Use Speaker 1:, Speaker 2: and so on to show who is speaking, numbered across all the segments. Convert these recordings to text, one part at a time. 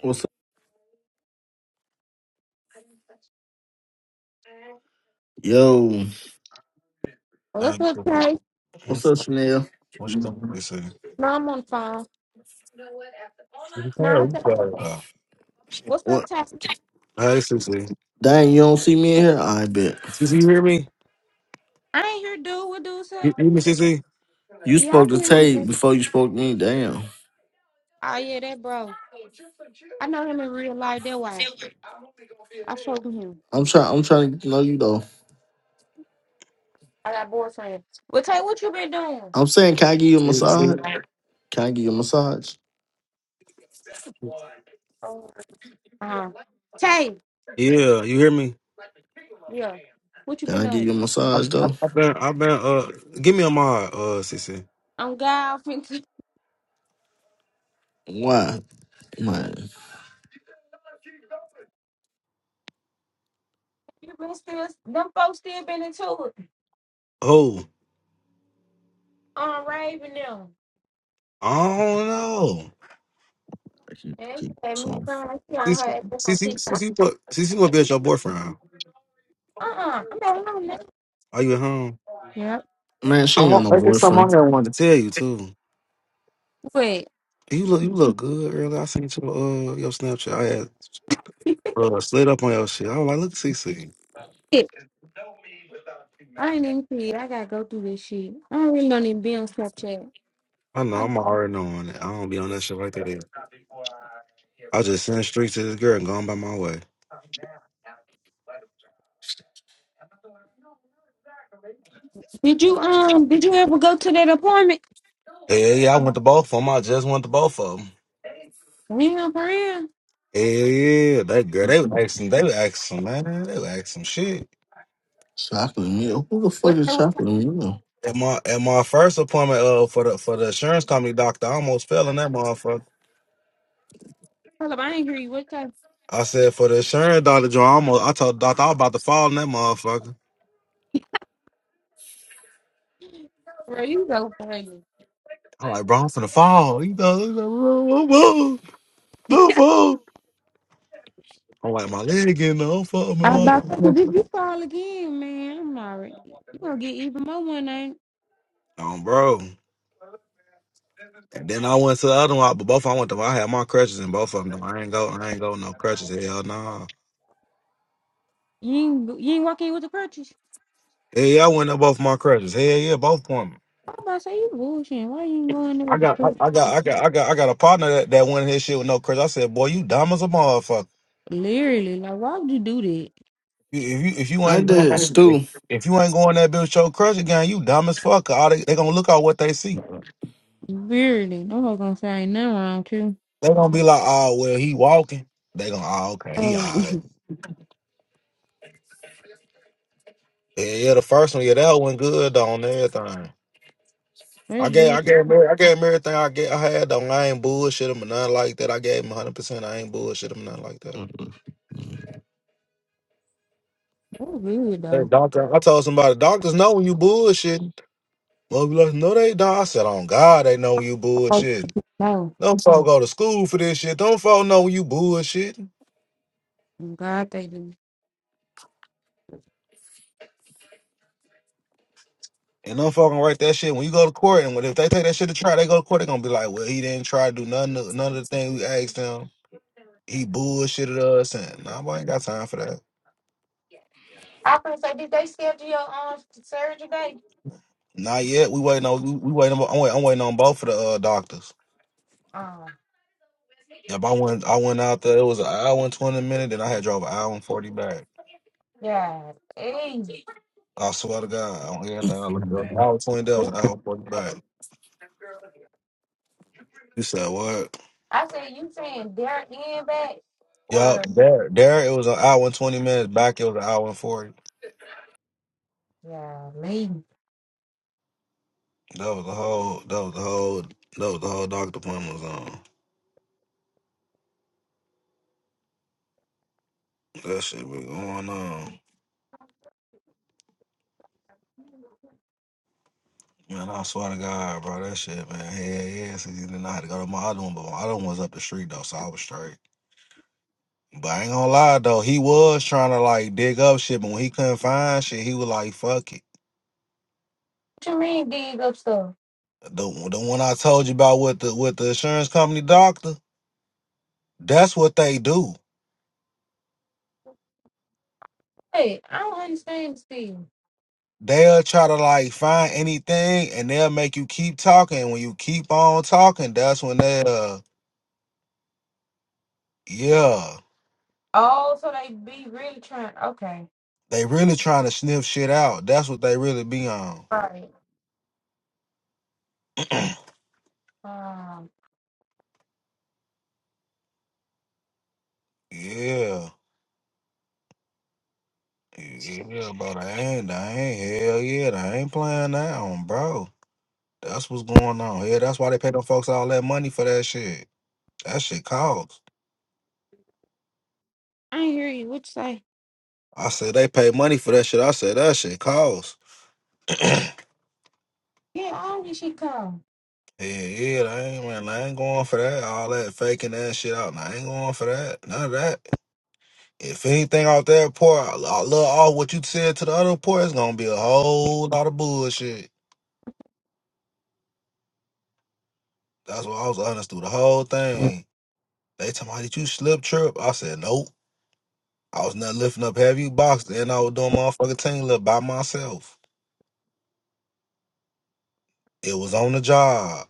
Speaker 1: What's up? Yo,
Speaker 2: What's
Speaker 3: Ah,
Speaker 2: up,
Speaker 3: tipo,
Speaker 2: Tay?
Speaker 1: what's
Speaker 3: what's-
Speaker 1: up, Chanel?
Speaker 3: what you gonna do, Sissy?
Speaker 2: No, I'm on the phone.
Speaker 3: Sissy,
Speaker 2: No,
Speaker 3: come
Speaker 2: I
Speaker 3: here, you
Speaker 2: said,
Speaker 3: got
Speaker 2: what's up,
Speaker 1: What?
Speaker 2: Tay?
Speaker 3: Hi, Sissy.
Speaker 1: Dang, you don't see me in here? I bet.
Speaker 3: Sissy, you hear me?
Speaker 2: I ain't hear dude. What dude say?
Speaker 3: You hear me, Sissy?
Speaker 1: You
Speaker 2: Yeah, I
Speaker 1: spoke
Speaker 2: can
Speaker 1: to
Speaker 2: hear you.
Speaker 1: Tay
Speaker 2: baby.
Speaker 1: before you spoke to me. Damn.
Speaker 2: Oh, yeah, that bro. I know him in real life. That why. I spoke with him.
Speaker 1: I'm trying. I'm trying to get to know you though.
Speaker 2: I got boyfriend. Well, Tay, what you been doing?
Speaker 1: I'm saying, can I give you a
Speaker 3: Sissy.
Speaker 1: massage? Can I give you a massage?
Speaker 2: Oh, uh-huh. Tay,
Speaker 3: Yeah, you hear me?
Speaker 2: yeah. What you
Speaker 1: Can
Speaker 2: been
Speaker 1: I give
Speaker 2: doing?
Speaker 1: you a massage
Speaker 3: I've
Speaker 1: though?
Speaker 3: I've been, I've been, uh, give me a mod, uh, Sissy.
Speaker 2: I'm golfing.
Speaker 1: Why, man?
Speaker 2: you been still, them folks still been into it.
Speaker 3: Oh,
Speaker 2: Um, raving them.
Speaker 3: I don't know.
Speaker 1: I keep-
Speaker 2: And
Speaker 1: keep-
Speaker 2: they had me
Speaker 1: So,
Speaker 2: crying. I see on her
Speaker 3: Sissy,
Speaker 2: ass on
Speaker 3: Sissy,
Speaker 2: TikTok.
Speaker 3: Sissy, what, Sissy, what be at your boyfriend?
Speaker 2: Uh-uh. I'm not alone now.
Speaker 3: Are you at home?
Speaker 2: Yeah.
Speaker 1: man,
Speaker 3: I
Speaker 1: she ain't got
Speaker 3: don't,
Speaker 1: no
Speaker 3: I guess I'm on
Speaker 1: boyfriend.
Speaker 3: here. I wanted to tell you too.
Speaker 2: Wait.
Speaker 3: You look, you look good earlier. I seen your, uh, your Snapchat. I had uh, slid up on your shit. I was like, look, Sissy.
Speaker 2: I ain't even see. it. I gotta go through this shit. I don't really don't even be on Snapchat.
Speaker 3: I know
Speaker 2: I,
Speaker 3: I'm already knowing it. I don't be on that shit like that. Either. I just send straight to this girl and gone by my way.
Speaker 2: did you um? Did you ever go to that appointment?
Speaker 3: Hey, yeah, yeah, I went to both of them. I just went to both of them.
Speaker 2: Real for real.
Speaker 3: Hey, yeah, that girl, they was asking, they was asking, man, they was asking shit.
Speaker 1: Chocolate meal. Who the fuck
Speaker 2: What
Speaker 1: is
Speaker 2: the what
Speaker 1: chocolate meal?
Speaker 3: At my at my first appointment, uh, for the for the insurance company doctor, I almost fell in that motherfucker.
Speaker 2: the hell? I ain't hear you. What time?
Speaker 3: I said for the insurance doctor, Joe, I almost, I told the doctor I was about to fall in that motherfucker.
Speaker 2: Bro, you go crazy.
Speaker 3: I'm like, bro, I'm finna fall. You know, he's like, "Bro, don't fall. Don't fall. I'm like, my leg getting the fuck,
Speaker 2: I
Speaker 3: man.
Speaker 2: about to. If you
Speaker 3: my-
Speaker 2: fall again, man, I'm already. You gonna get even more one night.
Speaker 3: um, bro. And then I went to the other one, but both of them I went to. I had my crutches in both of them. Though. I ain't go, I ain't go no crutches. Hell nah.
Speaker 2: You ain't you ain't walking with the crutches.
Speaker 3: Hell yeah, I went to both my crutches. Hell yeah, both women.
Speaker 2: I'm about to say you bullshitting. Why you ain't going there
Speaker 3: I
Speaker 2: with the
Speaker 3: got, I,
Speaker 2: crutches?
Speaker 3: I got, I got, I got, I got a partner that, that went in his shit with no crutches. I said, boy, you dumb as a motherfucker.
Speaker 2: Literally, like why would you do that?
Speaker 3: You- If you if you
Speaker 1: I
Speaker 3: ain't going
Speaker 1: did
Speaker 3: that,
Speaker 1: stew.
Speaker 3: if you ain't going that bitch with your crutch again, you dumb as fuck. All they, they gonna look at what they see.
Speaker 2: Literally, no one's gonna say ain't nothing wrong too.
Speaker 3: They gonna be like, oh well, he walking. They gonna, oh okay, he
Speaker 2: Oh,
Speaker 3: alright. Yeah, yeah, the first one, yeah, that one good on everything.
Speaker 2: that's
Speaker 3: I gave
Speaker 2: good.
Speaker 3: I gave him, every- I gave him everything I get I had though. I ain't bullshit him or nothing like that. I gave him hundred percent. I ain't bullshit him nothing like that.
Speaker 2: That's good
Speaker 3: Hey,
Speaker 2: though.
Speaker 3: doctor. I told somebody doctors know when you bullshitting. Well, be like, no, they don't. I said, on God, they know when you bullshitting.
Speaker 2: No.
Speaker 3: Them folk go to school for this shit. Them folk know when you bullshitting.
Speaker 2: I'm glad they do.
Speaker 3: And them folk gonna write that shit when you go to court. And when if they take that shit to try, they go to court. They gonna be like, well, he didn't try to do none of none of the thing we asked him. He bullshitted us, and nah, boy, I ain't got time for that.
Speaker 2: I was gonna say, did they schedule your um surgery day?
Speaker 3: Not yet. We waiting on. We, we waiting. On, I'm, waiting, I'm waiting on both of the uh, doctors.
Speaker 2: Um,
Speaker 3: Yep, I went. I went out there. It was an hour and twenty minutes, and I had drove an hour and forty back.
Speaker 2: yeah. Hey,
Speaker 3: I swear to God, on everything I looked up, an hour and twenty. That was an hour and forty back. You said what?
Speaker 2: I said you saying their end back
Speaker 3: Yup.
Speaker 2: or
Speaker 3: There, there. It was an hour and twenty minutes. Back, it was an hour and forty.
Speaker 2: yeah, me.
Speaker 3: That was the whole. That was the whole. That was the whole doctor appointment was on. That shit was going on. Man, I swear to God, bro, that shit, man. Hell yeah, since then I had to go to my other one, but my other one was up the street though, so I was straight. But I ain't gonna lie though, he was trying to like dig up shit, but when he couldn't find shit, he was like, "Fuck it."
Speaker 2: What you mean dig up stuff?
Speaker 3: The the one I told you about with the with the insurance company doctor, that's what they do.
Speaker 2: Hey, I don't understand Steve.
Speaker 3: They'll try to like find anything, and they'll make you keep talking. When you keep on talking, that's when they uh yeah,
Speaker 2: Oh, so they be really trying okay.
Speaker 3: they really trying to sniff shit out. That's what they really be on.
Speaker 2: right. Um
Speaker 3: Yeah, yeah, bro. I ain't, I ain't hell yeah, I ain't playing that on, bro. That's what's going on. Yeah, that's why they pay them folks all that money for that shit. That shit costs.
Speaker 2: I ain't hear you. What you say?
Speaker 3: I said they pay money for that shit. I said that shit costs.
Speaker 2: Yeah, how did she come?
Speaker 3: Yeah, yeah, I ain't man, I ain't going for that. All that faking that shit out. I ain't going for that. None of that. If anything out there, poor, a little all what you said to the other poor, it's gonna be a whole lot of bullshit. That's what I was honest through the whole thing. They told me, did you slip trip? I said, nope. I was not lifting up heavy boxes and I was doing motherfucking team lift by myself. It was on the job.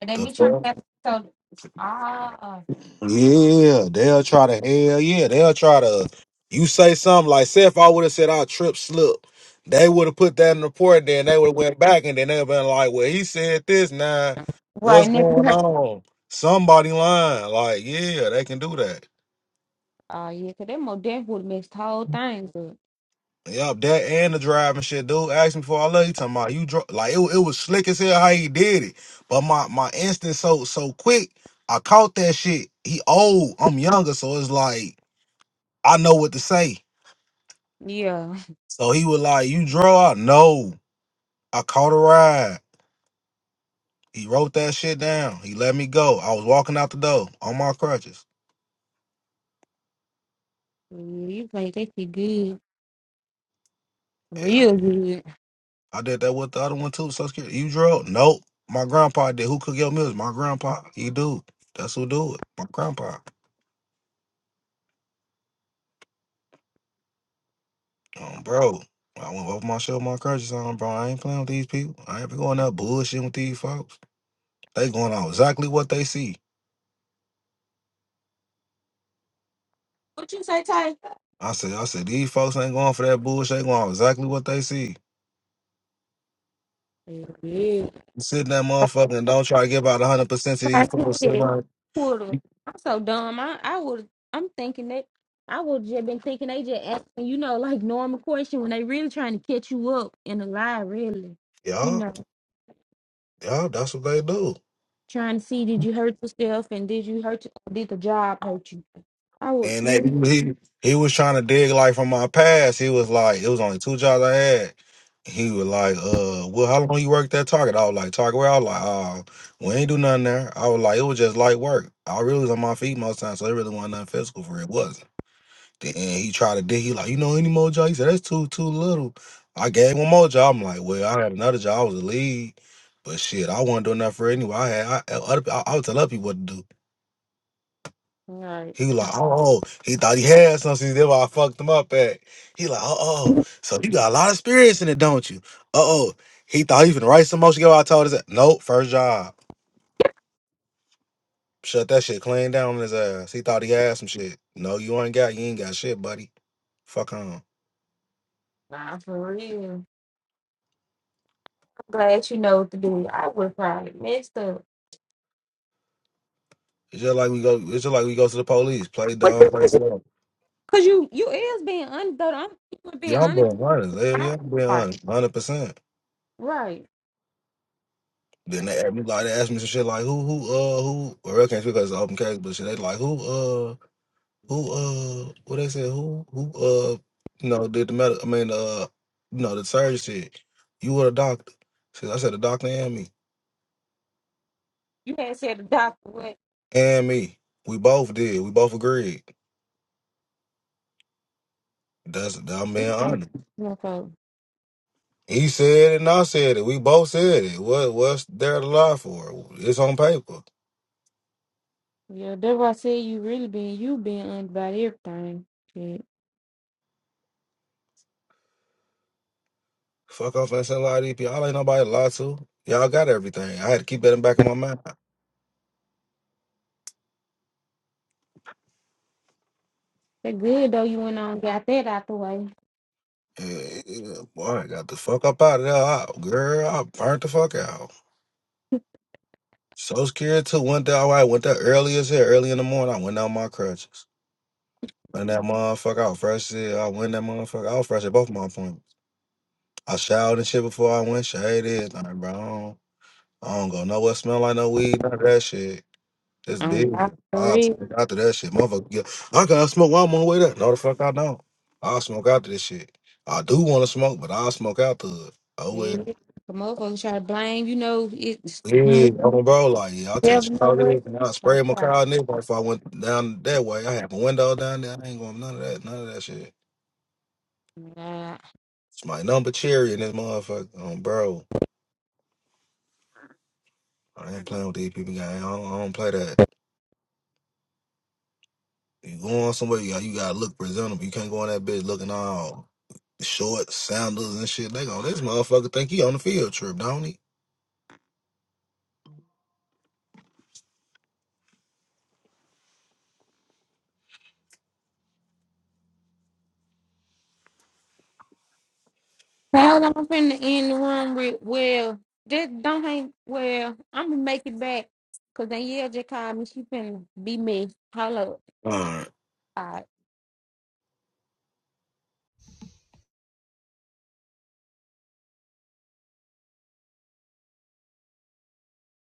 Speaker 2: And they
Speaker 3: The
Speaker 2: be trying
Speaker 3: fuck?
Speaker 2: to so ah uh,
Speaker 3: yeah, they'll try to hell yeah, they'll try to. You say something like, say if I would have said I trip slip, they would have put that in the report. Then they would have went back and then they've been like, well, he said this. Now,
Speaker 2: Right,
Speaker 3: what's
Speaker 2: never
Speaker 3: going
Speaker 2: heard.
Speaker 3: on? Somebody lying. Like, yeah, they can do that.
Speaker 2: Oh, yeah, because that more death would have mixed whole things up.
Speaker 3: Yup, that and the driving shit, dude. Asked me before I left. He talking about you drove like it, wa- it was slick as hell how he did it. But my my instinct so so quick, I caught that shit. He old, I'm younger, so it's like I know what to say.
Speaker 2: Yeah.
Speaker 3: So he was like, "You drove out?" No, I caught a ride. He wrote that shit down. He let me go. I was walking out the door on my crutches.
Speaker 2: You play that shit good.
Speaker 3: Yeah,
Speaker 2: Real good.
Speaker 3: I did that with the other one too. So scared. You drove? Nope. My grandpa did. Who cook your meals? My grandpa. He do. That's who do it. My grandpa. Um, bro, I went over my show, my crutches on, bro. I ain't playing with these people. I ain't going out bullshitting with these folks. They going on exactly what they see.
Speaker 2: What you say, Ty?
Speaker 3: I said, I said, these folks ain't going for that bullshit. They going on exactly what they see.
Speaker 2: Yeah.
Speaker 3: You Sit in that motherfucker and don't try to give out 100% to these
Speaker 2: I
Speaker 3: folks. sitting there.
Speaker 2: would've- I'm so dumb. I, I would I'm thinking that I would just been thinking they just asking, you know, like normal question when they really trying to catch you up in a lie, really. You
Speaker 3: Y'all,
Speaker 2: know,
Speaker 3: y'all, that's what they do.
Speaker 2: trying to see did you hurt yourself and did you hurt did the job hurt you? I would
Speaker 3: And that,
Speaker 2: mm,
Speaker 3: he he was trying to dig like from my past. He was like, it was only two jobs I had. He was like, uh, well, how long you worked at Target? I was like, Target where? I was like, uh, we ain't do nothing there. I was like, it was just light work. I really was on my feet most times, so it really wasn't nothing physical for it. it wasn't. Then he tried to dig. He like, you know any more job? He said, that's too too little. I gave him one more job. I'm like, well, I had another job. I was a lead, but shit, I wasn't doing that for anyway. I had I, other, I, I would tell other people what to do.
Speaker 2: all right.
Speaker 3: He was like, oh, oh." he thought he had something. That's why I fucked him up at. He like, oh, oh, so you got a lot of experience in it, don't you? Uh oh, he thought he was gonna write some more shit. Yo, I told his ass, nope, first job. Shut that shit clean down on his ass. He thought he had some shit. No, you ain't got, you ain't got shit, buddy. Fuck on.
Speaker 2: Nah, for real. I'm glad you know what to do. I would probably messed up.
Speaker 3: It's just like we go. It's just like we go to the police. Play dumb, play
Speaker 2: What
Speaker 3: slow.
Speaker 2: Cause you you is being honest though. I'm you
Speaker 3: Yeah,
Speaker 2: being
Speaker 3: I'm
Speaker 2: honest.
Speaker 3: being honest. Yeah,
Speaker 2: I-
Speaker 3: yeah, I'm being
Speaker 2: Right.
Speaker 3: honest, hundred percent.
Speaker 2: Right.
Speaker 3: Then
Speaker 2: That's-
Speaker 3: they ask me like they ask me some shit like who who uh who well I can't speak because it's an open case, but shit they like who uh, Who uh what they said, who who uh you know, did the medical I mean uh you know, the surgeon said, You were a doctor. Said I said the doctor and me.
Speaker 2: You had said the doctor what
Speaker 3: And me. We both did. We both agreed. That's I'm being
Speaker 2: you know,
Speaker 3: honest.
Speaker 2: no, so,
Speaker 3: He said it and I said it. We both said it. What what's there to lie for? It's on paper.
Speaker 2: yeah, that's why I said you really being you being honest about everything. Shit.
Speaker 3: Fuck off and say lie to these people. Y'all ain't nobody to lie to. Y'all got everything. I had to keep that in the back of my mind.
Speaker 2: That good though you went on and got that out the way.
Speaker 3: Yeah, yeah, boy, I got the fuck up out of there. I, girl, I burnt the fuck out. So scared too. Went there. All right. Went there early as here, early in the morning. I went down my crutches. Went that motherfucker out fresh as hell. I went that motherfucker out fresh at both my appointments. I showered and shit before I went. Shaded. Like, bro, I don't, I don't go nowhere. Smell like no weed. None of that shit. It's
Speaker 2: Um
Speaker 3: big.
Speaker 2: for
Speaker 3: I
Speaker 2: real.
Speaker 3: smoke after that shit. Motherfucker, yeah, I gotta smoke while I'm on the way there. No, the fuck I don't. I'll smoke after this shit. I do want to smoke, but I'll smoke after it. Oh, well.
Speaker 2: Yeah. The motherfuckers try to blame, you know, it's
Speaker 3: Yeah,
Speaker 2: you
Speaker 3: on the bro, like yeah, I took
Speaker 2: never know
Speaker 3: shower
Speaker 2: what
Speaker 3: and I
Speaker 2: like
Speaker 3: sprayed my
Speaker 2: that.
Speaker 3: car neighbor if I went down that way. I had my window down there. I ain't going none of that, none of that shit. It's my number cherry in this motherfucker, um, bro. I ain't playing with these people. Gang. I, don't, I don't play that. You going somewhere? You got you gotta look presentable. You can't go in that bitch looking all short, sandals and shit. They go, this motherfucker think he on the field trip, don't
Speaker 2: Well, I'm finna end the room with, well, just don't hang, well, I'm gonna make it back. Cause then yeah, just called me. She finna be me. Hello.
Speaker 3: he?